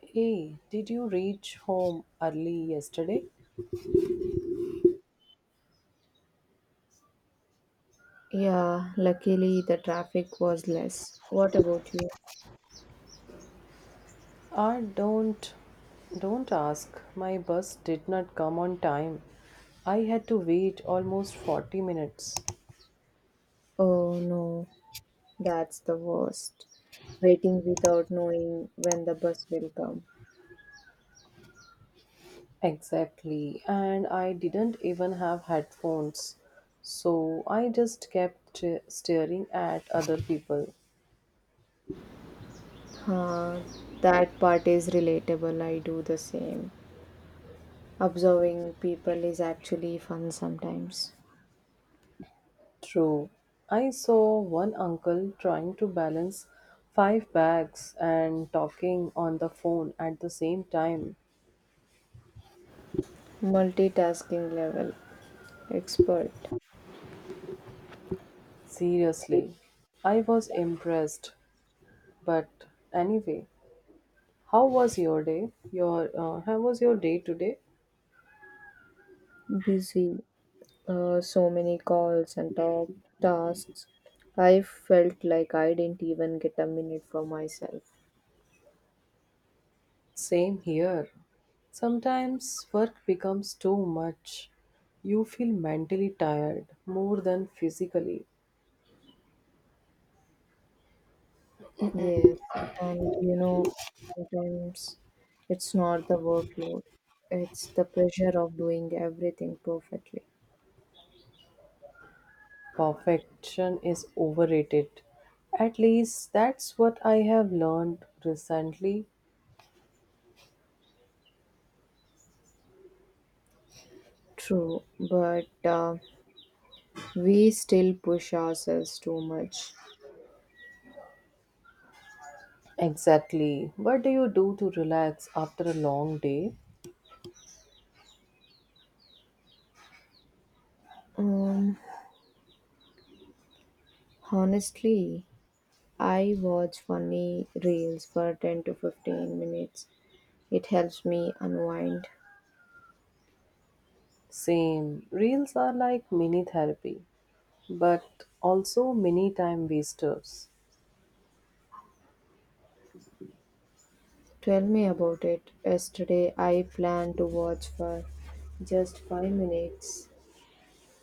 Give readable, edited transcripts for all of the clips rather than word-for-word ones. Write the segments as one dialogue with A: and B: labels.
A: Hey, did you reach home early yesterday?
B: Yeah, luckily the traffic was less. What about you?
A: Ah, don't ask. My bus did not come on time. I had to wait almost 40 minutes.
B: Oh no, that's the worst. Waiting without knowing when the bus will come.
A: Exactly, and I didn't even have headphones. So I just kept staring at other people.
B: Huh, that part is relatable. I do the same. Observing people is actually fun sometimes.
A: True. I saw one uncle trying to balance five bags and talking on the phone at the same time.
B: Multitasking level, expert,
A: Seriously, I was impressed. But anyway, how was your day? Your how was your day today?
B: busy, so many calls and talk, tasks. I felt like I didn't even get a minute for myself.
A: Same here. Sometimes work becomes too much. You feel mentally tired more than physically.
B: Yes, and you know, sometimes it's not the workload, it's the pressure of doing everything perfectly.
A: Perfection is overrated. At least that's what I have learned recently.
B: True, but we still push ourselves too much.
A: Exactly. What do you do to relax after a long day?
B: Um, Honestly, I watch funny reels for 10 to 15 minutes. It helps me unwind.
A: Same. Reels are like mini therapy, but also mini time wasters.
B: Tell me about it. Yesterday, I planned to watch for just 5 minutes.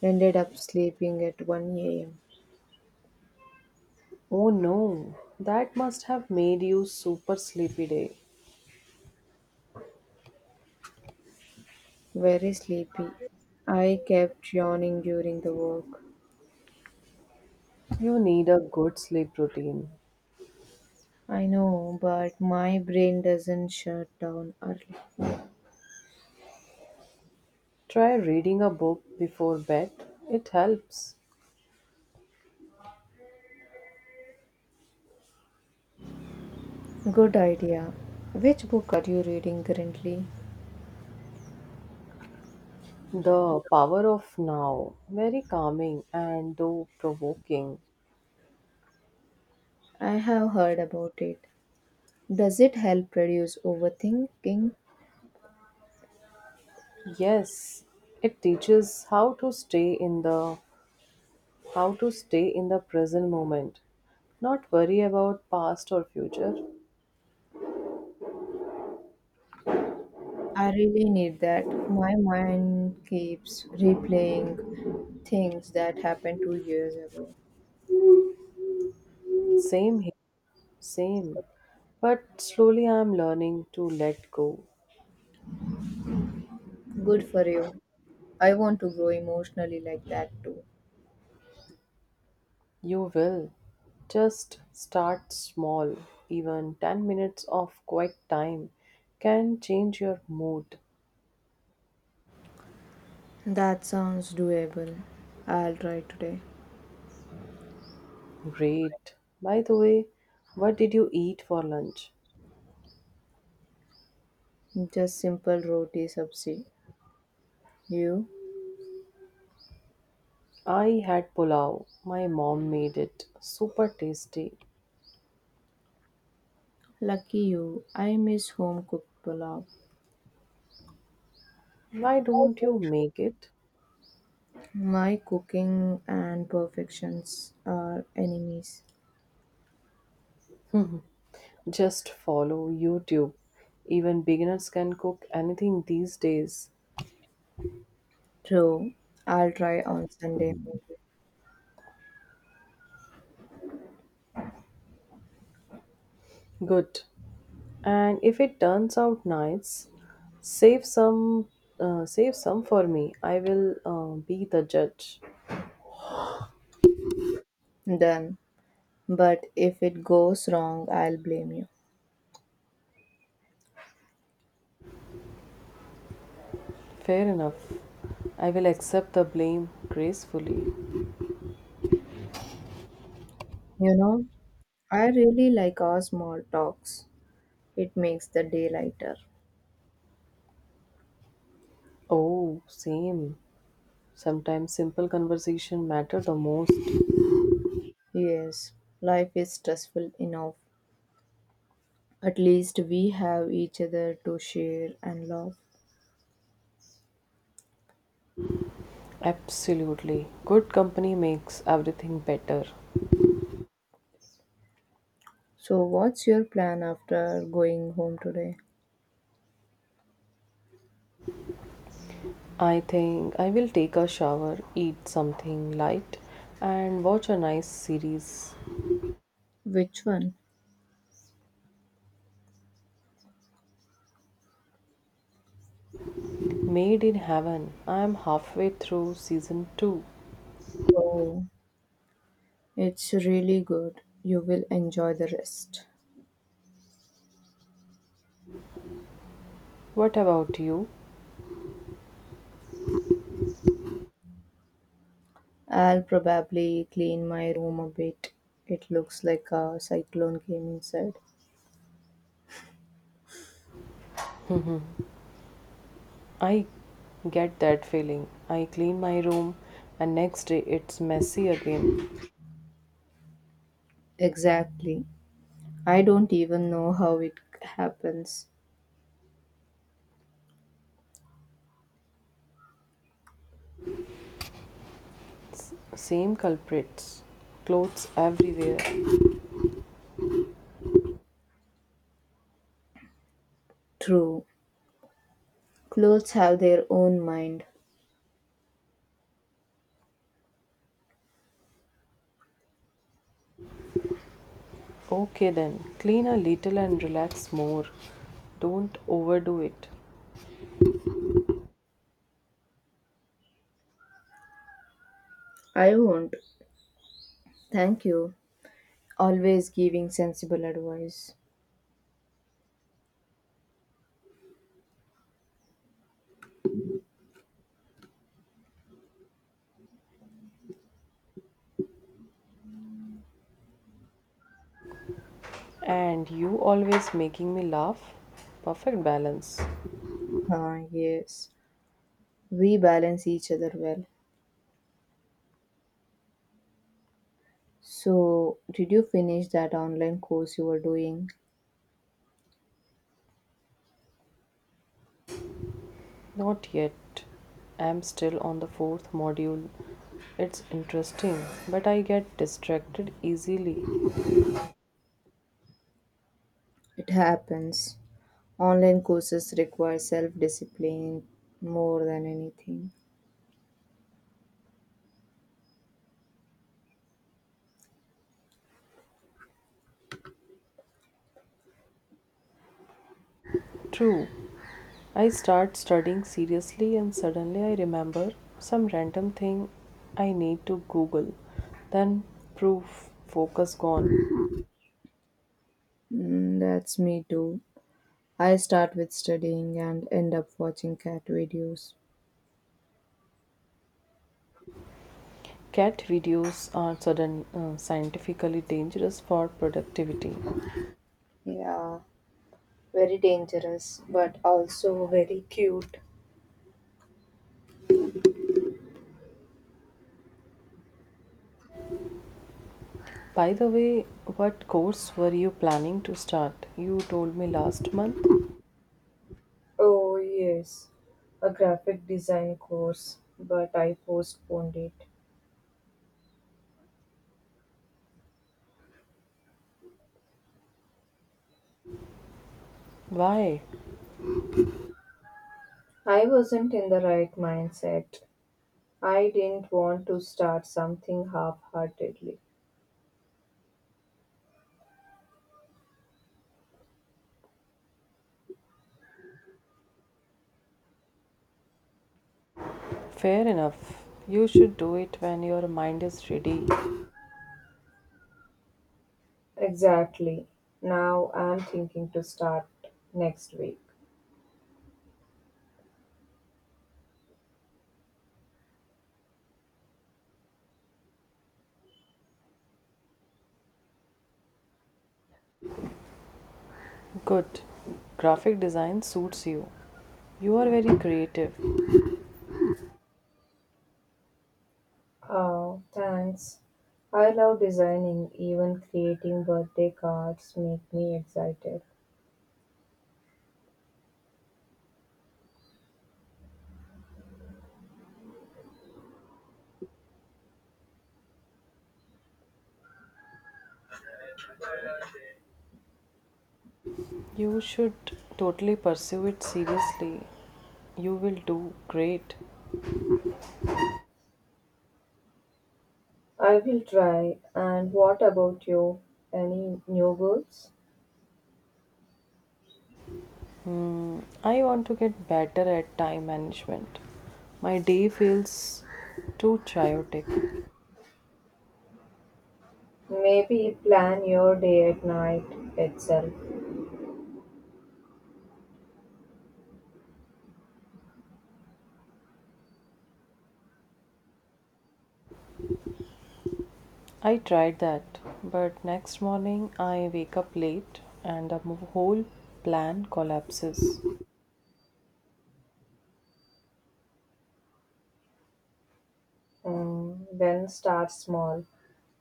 B: Ended up sleeping at one AM.
A: Oh no, that must have made you super sleepy day.
B: Very sleepy. I kept yawning during the walk.
A: You need a good sleep routine.
B: I know, but my brain doesn't shut down early.
A: Try reading a book before bed, it helps.
B: Good idea. Which book are you reading currently?
A: The power of now, very calming and though provoking.
B: I have heard about it. Does it help reduce overthinking?
A: Yes, it teaches how to stay in the present moment, not worry about past or future.
B: I really need that. My mind keeps replaying things that happened 2 years ago.
A: Same here, same. But slowly I am learning to let go.
B: Good for you. I want to grow emotionally like that too.
A: You will. Just start small. Even 10 minutes of quiet time can change your mood.
B: That sounds doable. I'll try today.
A: Great. By the way, what did you eat for lunch?
B: Just simple roti sabzi. You?
A: I had pulao. My mom made it super tasty.
B: Lucky you. I miss home cooked pulao.
A: Why don't you make it?
B: My cooking and perfections are enemies.
A: Just follow YouTube. Even beginners can cook anything these days.
B: True. I'll try on Sunday maybe.
A: Good. And if it turns out nice, save some save some for me. I will be the judge.
B: Done. But if it goes wrong, I'll blame you.
A: Fair enough. I will accept the blame gracefully.
B: You know, I really like our small talks. It makes the day lighter.
A: Oh, same. Sometimes simple conversation matter the most.
B: Yes, life is stressful enough. At least we have each other to share and love.
A: Absolutely. Good company makes everything better.
B: So, what's your plan after going home today?
A: I think I will take a shower, eat something light, and watch a nice series.
B: Which one?
A: Made in Heaven. I am halfway through season 2.
B: Oh, it's really good. You will enjoy the rest.
A: What about you?
B: I'll probably clean my room a bit. It looks like a cyclone came inside.
A: I get that feeling. I clean my room, and next day it's messy again.
B: Exactly. I don't even know how it happens.
A: Same culprits. Clothes everywhere.
B: True. Clothes have their own mind.
A: Okay then, clean a little and relax more. Don't overdo it.
B: I won't. Thank you. Always giving sensible advice.
A: And you always making me laugh. Perfect balance.
B: Ah, yes, we balance each other well. So, did you finish that online course you were doing?
A: Not yet. I'm still on the fourth module. It's interesting, but I get distracted easily.
B: It happens. Online courses require self discipline more than anything.
A: True. I start studying seriously and suddenly I remember some random thing I need to Google. Then proof, focus gone.
B: Mm, that's me too. I start with studying and end up watching cat videos.
A: Cat videos are sudden scientifically dangerous for productivity.
B: Yeah, very dangerous, but also very cute.
A: By the way, what course were you planning to start? You told me last month.
B: Oh, yes, a graphic design course, but I postponed it.
A: Why?
B: I wasn't in the right mindset. I didn't want to start something half heartedly.
A: Fair enough. You should do it when your mind is ready.
B: Exactly. Now I'm thinking to start next week.
A: Good. Graphic design suits you. You are very creative.
B: Oh, thanks. I love designing, even creating birthday cards make me excited.
A: You should totally pursue it seriously. You will do great.
B: I will try. And what about you? Any new goals?
A: I want to get better at time management. My day feels too chaotic.
B: Maybe plan your day at night itself.
A: I tried that, but next morning I wake up late and the whole plan collapses.
B: Mm, then start small,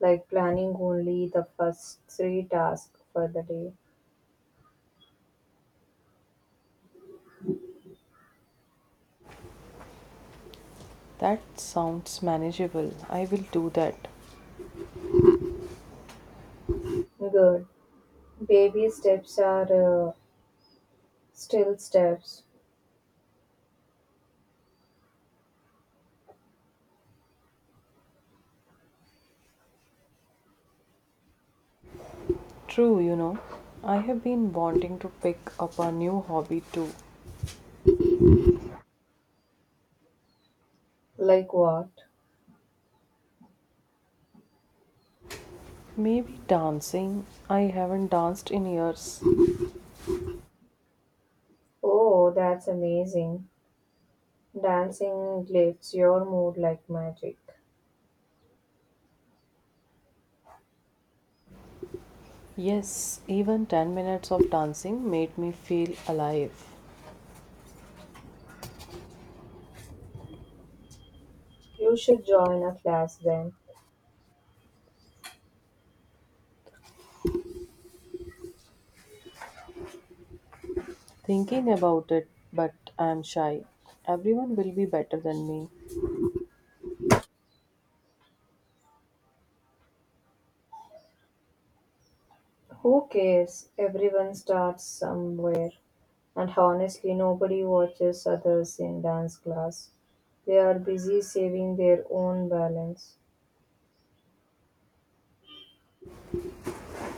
B: like planning only the first three tasks for the day.
A: That sounds manageable. I will do that.
B: Good. Baby steps are still steps.
A: True, I have been wanting to pick up a new hobby too.
B: Like what?
A: Maybe dancing. I haven't danced in years.
B: Oh, that's amazing. Dancing lifts your mood like magic.
A: Yes, even 10 minutes of dancing made me feel alive.
B: You should join a class then.
A: Thinking about it, but I'm shy. Everyone will be better than me.
B: Who cares? Everyone starts somewhere. And honestly, nobody watches others in dance class. They are busy saving their own balance.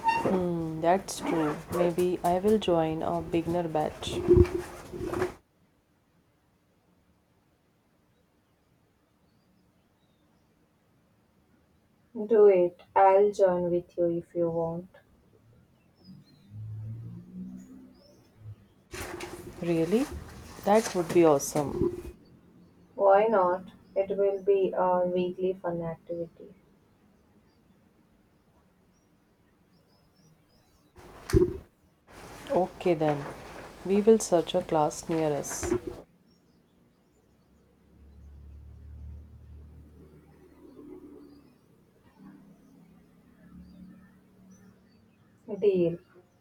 A: Hmm, that's true. Maybe I will join a beginner batch.
B: Do it. I'll join with you if you want.
A: Really? That would be awesome.
B: Why not? It will be a weekly fun activity.
A: Okay then. We will search a class near us.
B: Deal.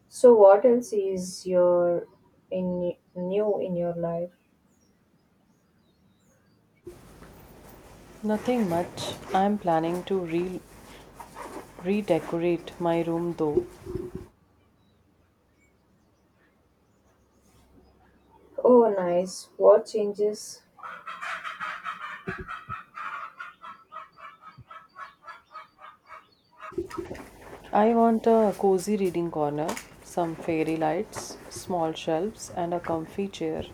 B: So, what else is your in new in your life?
A: Nothing much. I'm planning to redecorate my room though.
B: Oh, nice. What changes?
A: I want a cozy reading corner, some fairy lights, small shelves, and a comfy chair.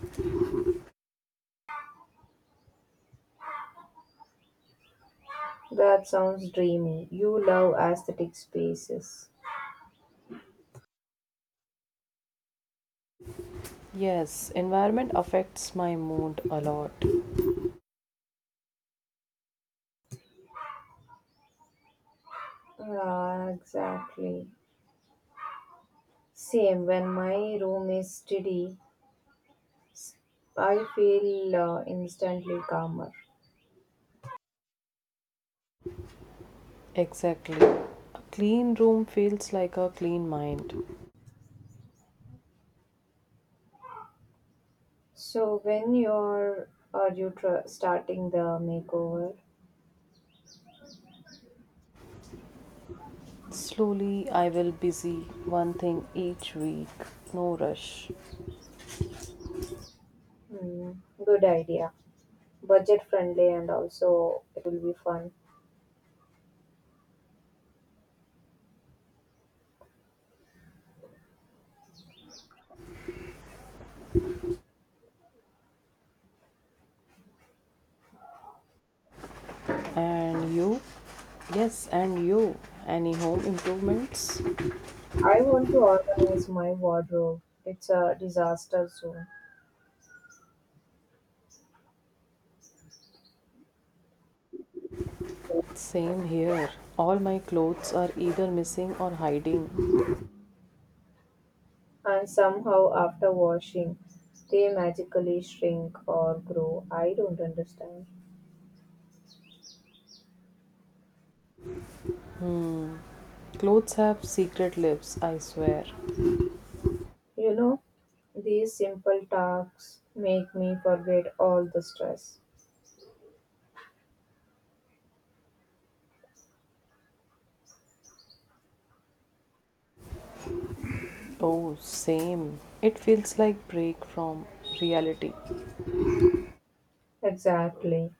B: That sounds dreamy. You love aesthetic spaces.
A: Yes, environment affects my mood a lot.
B: Ah, exactly. Same. When my room is steady, I feel instantly calmer.
A: Exactly. A clean room feels like a clean mind.
B: So when you're are you tr- starting the makeover?
A: Slowly, I will busy one thing each week. No rush.
B: Mm, good idea. Budget friendly and also it will be fun.
A: And you? Yes, and you. Any home improvements?
B: I want to organize my wardrobe. It's a disaster zone.
A: Same here. All my clothes are either missing or hiding.
B: And somehow after washing, they magically shrink or grow. I don't understand.
A: Clothes have secret lips, I swear.
B: You know, these simple tasks make me forget all the stress.
A: Oh, same. It feels like break from reality
B: Exactly.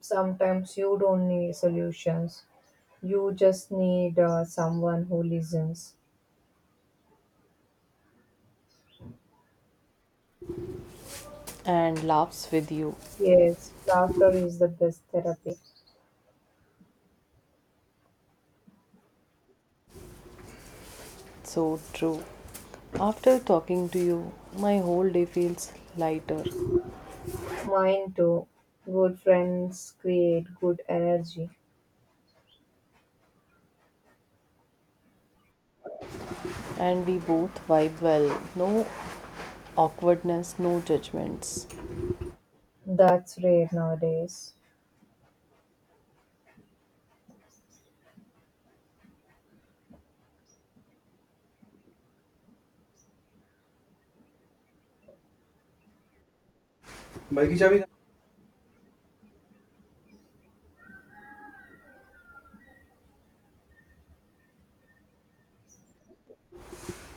B: Sometimes you don't need solutions. You just need someone who listens.
A: and laughs with you.
B: Yes, laughter is the best therapy.
A: So true. After talking to you, my whole day feels lighter
B: Mine too. Good friends create good energy.
A: and we both vibe well. No awkwardness, no judgments.
B: That's rare nowadays.
A: Bike की चाबी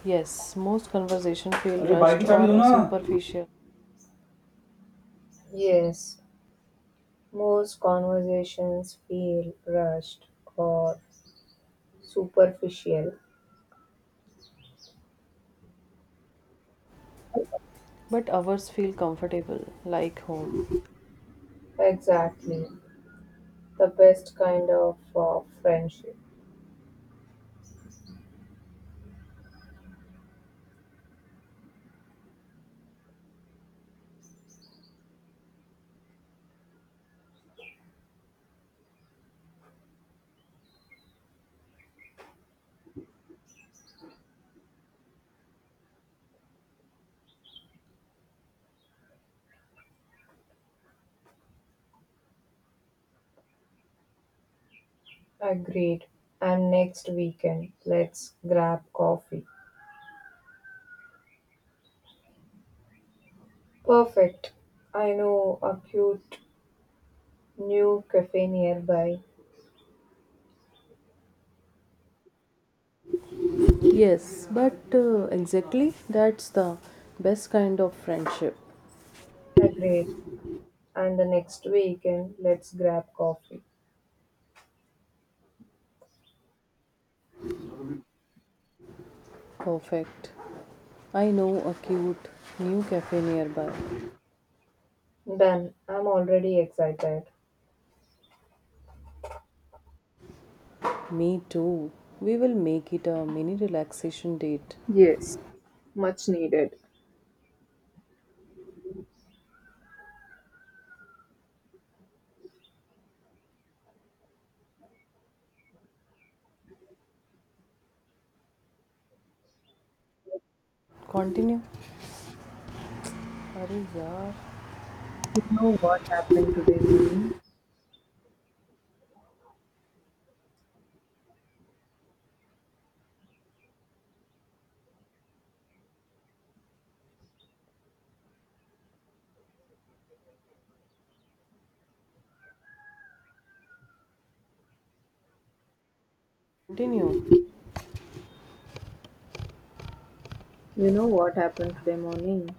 A: Yes, most conversation feel अरे, bike rushed की चाबी दो or ना। Superficial.
B: Yes, most conversations feel rushed or superficial.
A: But ours feel comfortable, like home.
B: Exactly. The best kind of friendship. Agreed. And next weekend, let's grab coffee. Perfect. I know a cute new cafe nearby.
A: Yes, but exactly that's the best kind of friendship.
B: Agreed. And the next weekend, let's grab coffee.
A: Perfect. I know a cute new cafe nearby.
B: Done. I'm already excited.
A: Me too. We will make it a mini relaxation date.
B: Yes, much needed.
A: Continue. Arey yaar.
B: You know what happened today morning?
A: Continue.
B: You know what happened today morning?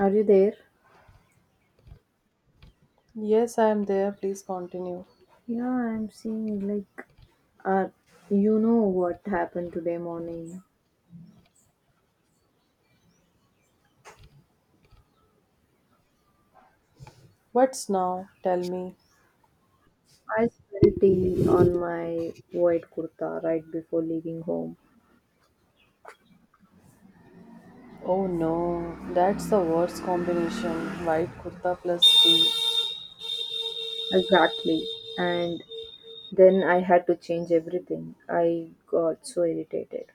B: Are you there?
A: Yes, I am there. Please continue.
B: Yeah, I'm seeing like uh you know what happened today morning?
A: What's now? Tell me.
B: I spilled tea on my white kurta right before leaving home.
A: Oh no, that's the worst combination. White kurta plus tea.
B: Exactly. And then I had to change everything. I got so irritated.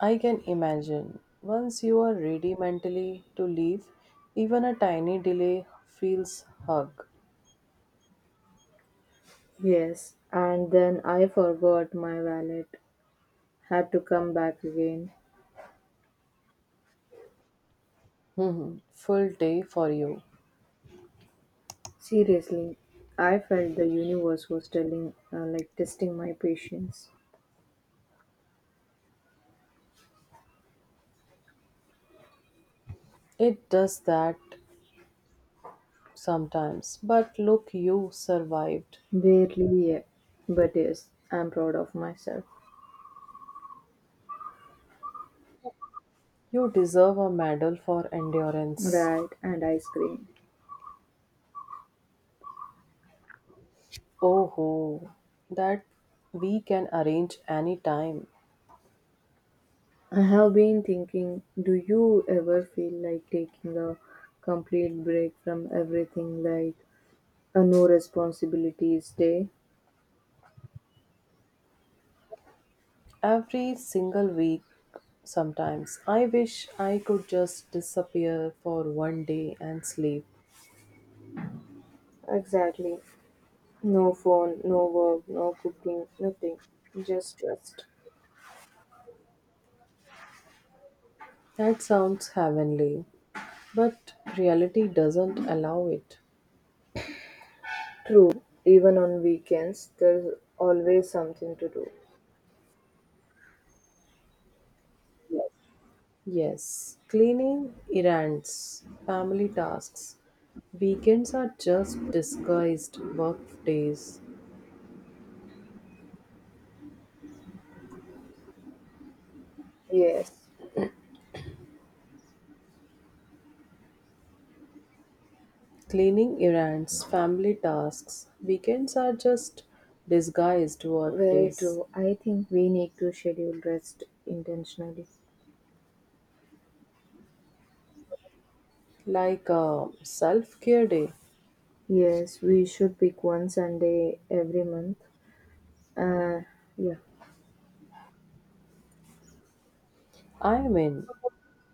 A: I can imagine. Once you are ready mentally to leave, even a tiny delay feels hug.
B: Yes. And then I forgot my wallet. Had to come back again.
A: Mhm. Full day for you.
B: Seriously, I felt the universe was telling, like, testing my patience.
A: It does that sometimes. But look, you survived.
B: Barely, yeah. But yes, I'm proud of myself.
A: You deserve a medal for endurance.
B: Right, and ice cream.
A: Oh ho, that we can arrange any time.
B: I have been thinking, do you ever feel like taking a complete break from everything like a no responsibilities day.
A: Every single week, sometimes. I wish I could just disappear for one day and sleep.
B: Exactly. No phone, no work, no cooking, nothing. Just rest.
A: That sounds heavenly, but reality doesn't allow it.
B: True, even on weekends, there's always something to do. Yes.
A: Yes, cleaning, errands, family tasks. Weekends are just disguised work days.
B: Yes,
A: Cleaning, errands, family tasks. Weekends are just disguised work
B: very
A: days.
B: true. I think we need to schedule rest intentionally.
A: Like a self care day.
B: Yes, we should pick one Sunday every month. Uh, yeah.
A: I mean,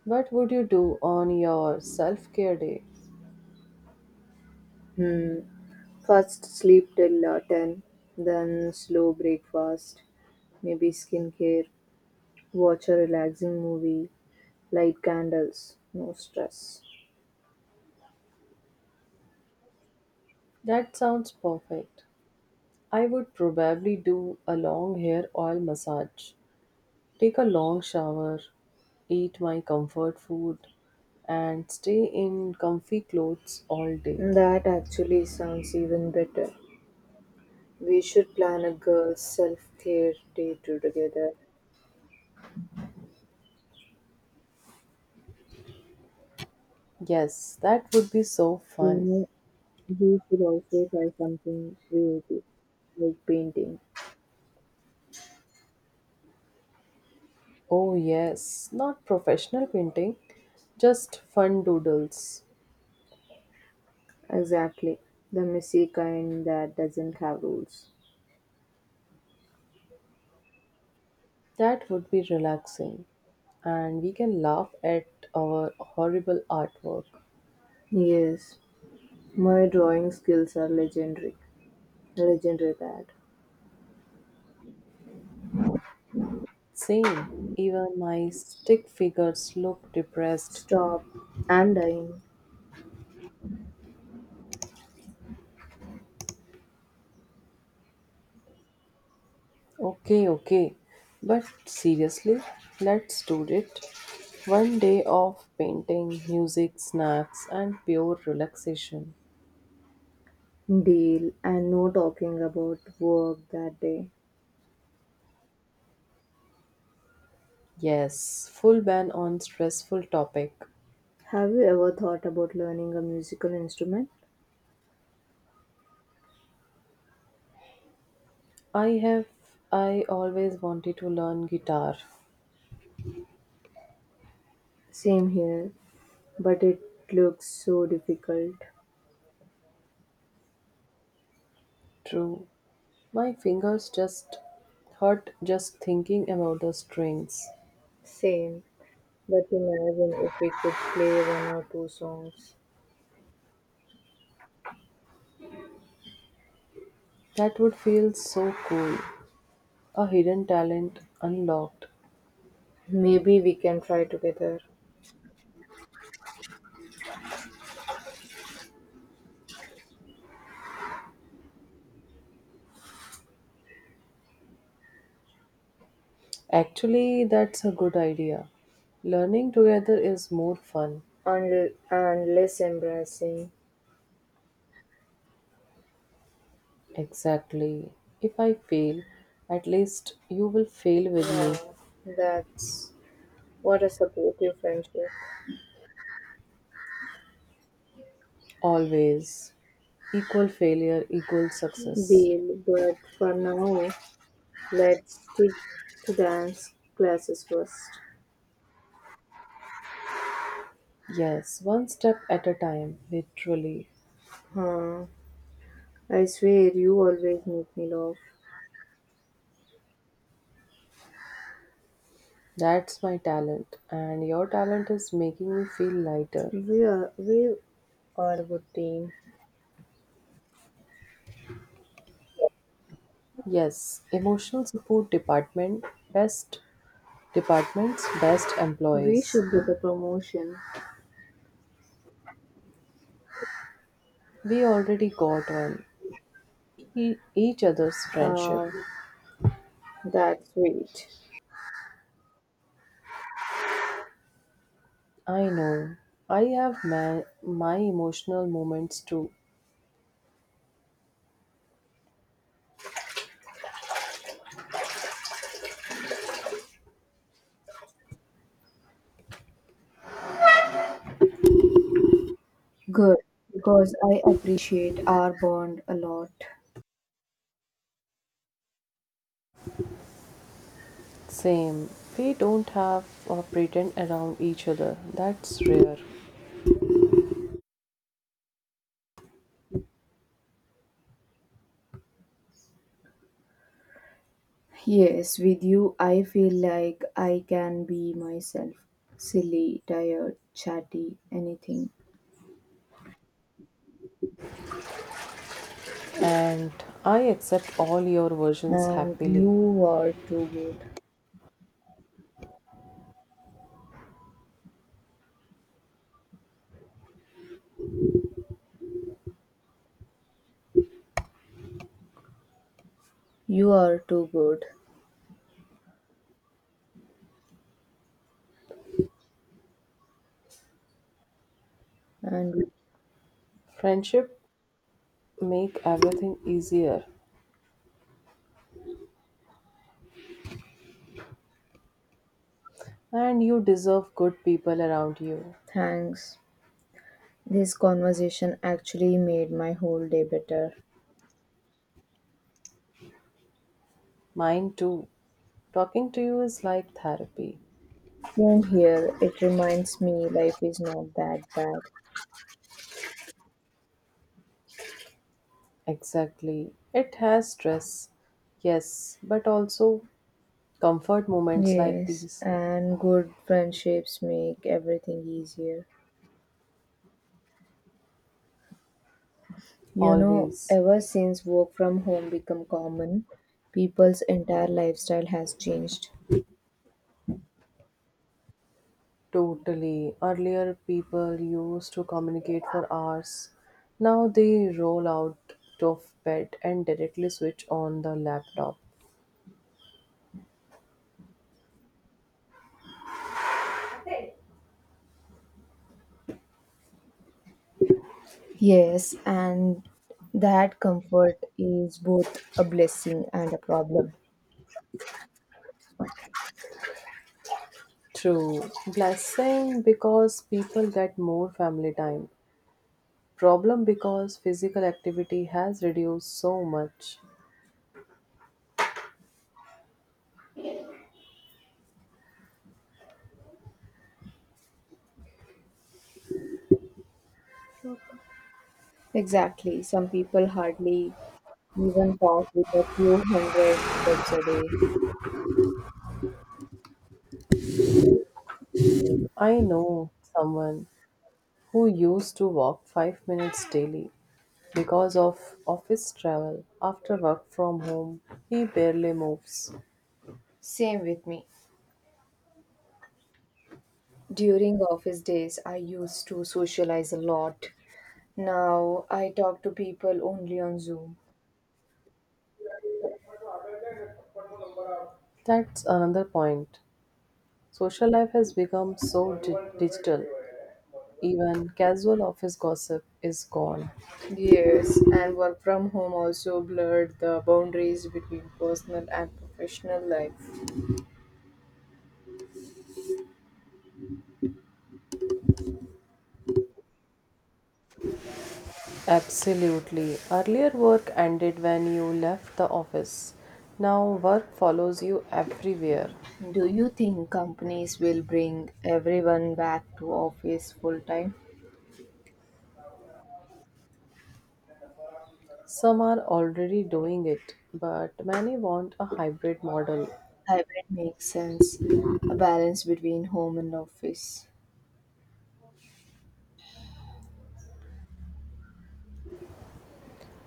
A: what would you do on your self care day?
B: First sleep till 10, then slow breakfast, maybe skincare, watch a relaxing movie, light candles, no stress.
A: That sounds perfect. I would probably do a long hair oil massage, take a long shower, eat my comfort food, and stay in comfy clothes all day.
B: That actually sounds even better. We should plan a girls' self care day too together.
A: Yes, that would be so
B: You
A: fun.
B: know, we should also try something creative, like painting.
A: Oh, yes, not professional painting, just fun doodles.
B: Exactly. The messy kind that doesn't have rules.
A: That would be relaxing, and we can laugh at our horrible artwork.
B: Yes, my drawing skills are legendary. Legendary bad.
A: Same, even my stick figures look depressed.
B: Stop. I'm dying.
A: Okay, okay. But seriously, let's do it. One day of painting, music, snacks, and pure relaxation.
B: Deal. And no talking about work that day.
A: Yes, full ban on stressful topic.
B: Have you ever thought about learning a musical instrument?
A: I have I always wanted to learn guitar.
B: Same here, but it looks so difficult.
A: True. My fingers just hurt just thinking about the strings.
B: Same, but imagine if we could play one or two songs.
A: That would feel so cool. A hidden talent unlocked.
B: Maybe we can try together.
A: Actually, that's a good idea. Learning together is more fun.
B: And less embarrassing.
A: Exactly. If I fail, at least you will fail with me.
B: Wow, that's what a supportive friendship.
A: Always. Equal failure, equal success.
B: Deal, but for now, let's stick to dance classes first.
A: Yes, one step at a time, literally.
B: Huh. I swear you always make me laugh.
A: That's my talent, and your talent is making me feel lighter.
B: We are a good team.
A: Yes, emotional support department, best departments, best
B: We
A: employees.
B: should get a promotion.
A: We already got one. e- each other's friendship.
B: Uh, that's sweet.
A: I know. I have my emotional moments too.
B: Good, because I appreciate our bond a lot.
A: Same. We don't have or pretend around each other. That's rare.
B: Yes, with you, I feel like I can be myself silly, tired, chatty, anything.
A: And I accept all your versions
B: And
A: happily.
B: you are too good. You are too good. And
A: Friendship make everything easier. And you deserve good people around you.
B: thanks. This conversation actually made my whole day better.
A: Mine too. Talking to you is like therapy.
B: Same here. It reminds me life is not that bad.
A: Exactly. It has stress. Yes, but also comfort moments like
B: Yes,
A: these
B: and good friendships make everything easier. You know,
A: always.
B: ever since work from home become common, people's entire lifestyle has changed.
A: Totally, earlier people used to communicate for hours. Now they roll out of bed and directly switch on the laptop.
B: Yes, and that comfort is both a blessing and a problem.
A: True, blessing because people get more family time. Problem because physical activity has reduced so much.
B: Exactly. Some people hardly even talk with a few hundred steps a day.
A: I know someone who used to walk 5 minutes daily. Because of office travel, after work from home, he barely moves.
B: Same with me. During office days, I used to socialize a lot. Now I talk to people only on Zoom.
A: That's another point. Social life has become so digital. Even casual office gossip is gone.
B: Yes, and work from home also blurred the boundaries between personal and professional life.
A: Absolutely. Earlier work ended when you left the office. Now work follows you everywhere.
B: Do you think companies will bring everyone back to office full time?
A: Some are already doing it, but many want a hybrid model.
B: Hybrid makes sense. A balance between home and office.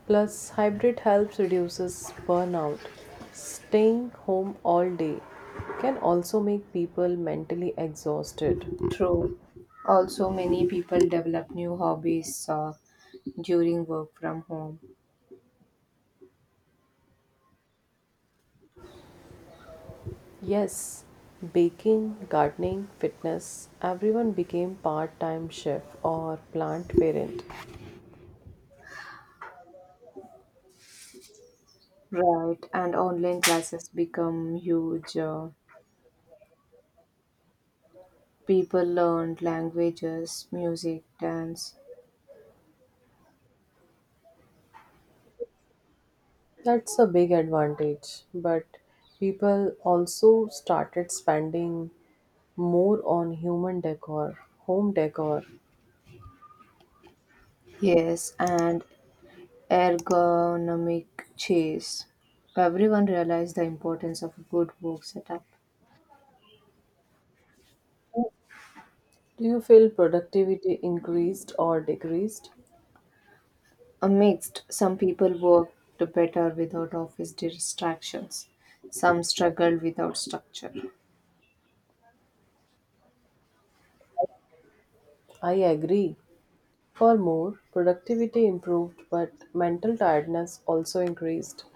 A: Plus, hybrid helps reduces burnout. Staying home all day can also make people mentally exhausted.
B: True. Also, many people develop new hobbies during work from home.
A: Yes, baking, gardening, fitness, everyone became part-time chef or plant parent.
B: Right, and online classes become huge. People learned languages, music, dance,
A: That's a big advantage, but people also started spending more on home decor.
B: yes, and ergonomic chairs. Everyone realized the importance of a good work setup.
A: Do you feel productivity increased or decreased?
B: A mixed, some people worked better without office distractions, some struggled without structure.
A: I agree. Furthermore, productivity improved, but mental tiredness also increased.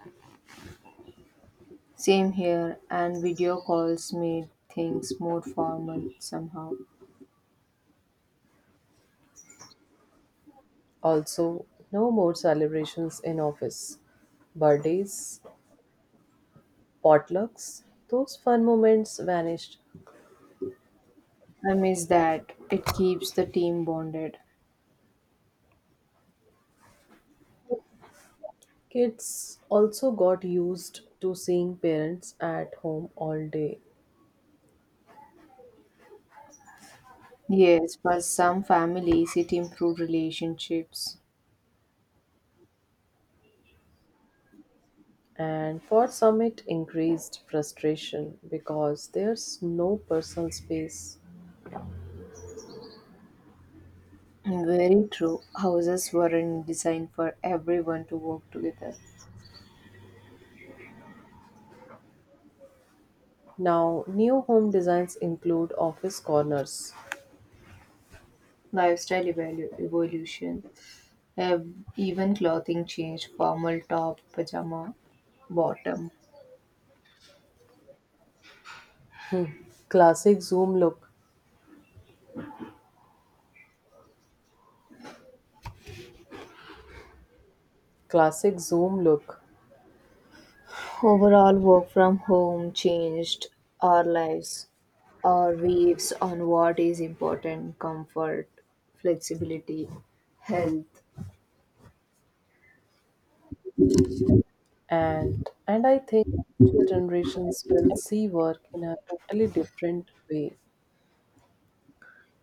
B: Same here, and video calls made things more formal somehow.
A: Also, no more celebrations in office. Birthdays, potlucks, those fun moments vanished.
B: I miss that. It keeps the team bonded.
A: Kids also got used to seeing parents at home all day.
B: Yes, for some families, it improved relationships.
A: And for some, it increased frustration because there's no personal space.
B: Very true. Houses weren't designed for everyone to work together.
A: Now, new home designs include office corners,
B: Evolution. Even clothing changed formal top, pajama, bottom.
A: classic Zoom look, classic zoom look
B: Overall, work from home changed our lives, our views on what is important comfort, flexibility, health.
A: and and I think future generations will see work in a totally different way.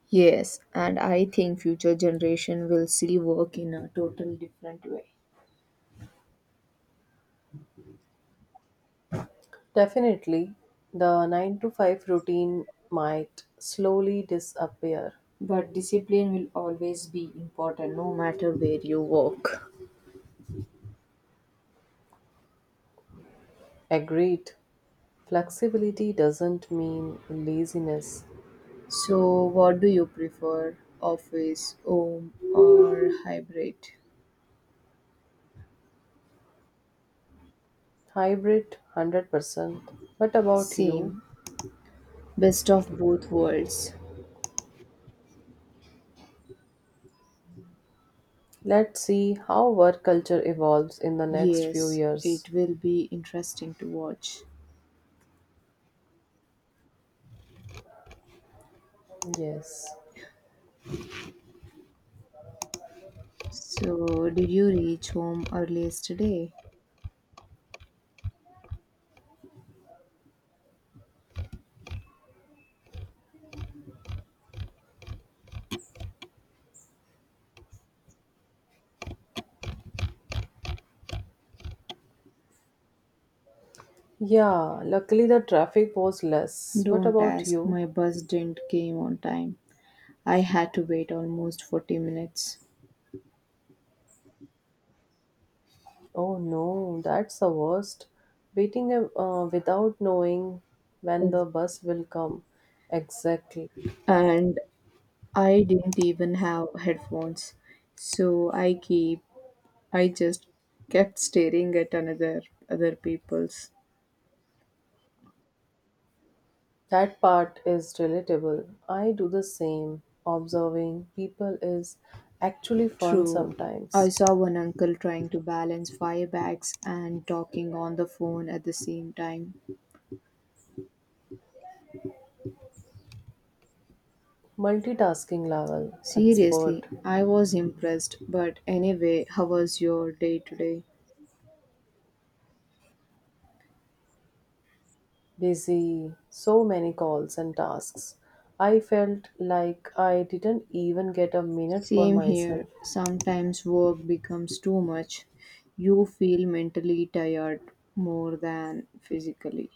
B: Yes, and I think future generation will see work in a total different way.
A: Definitely, the 9 to 5 routine might slowly disappear.
B: But discipline will always be important no matter where you work.
A: Agreed, flexibility doesn't mean laziness.
B: So what do you prefer? Office, home or hybrid?
A: Hybrid 100%, but about you?
B: Same. Best of both worlds.
A: Let's see how work culture evolves in the next few
B: Yes,
A: years.
B: it will be interesting to watch.
A: Yes.
B: So did you reach home early yesterday?
A: Yeah, luckily the traffic was less. What
B: Don't
A: about
B: ask,
A: you?
B: my bus didn't came on time. I had to wait almost 40 minutes.
A: Oh no, that's the worst. Waiting without knowing when the
B: Ex-
A: bus will come. Exactly.
B: And I didn't even have headphones. So I just kept staring at another other people's.
A: That part is relatable. I do the same. Observing people is actually fun
B: True. I
A: sometimes.
B: saw one uncle trying to balance five bags and talking on the phone at the same time.
A: Multitasking level,
B: Seriously,
A: expert,
B: I was impressed. But anyway, how was your day today?
A: busy, so many calls and tasks. I felt like I didn't even get a minute for
B: Same here.
A: myself.
B: Sometimes work becomes too much. You feel mentally tired more than physically.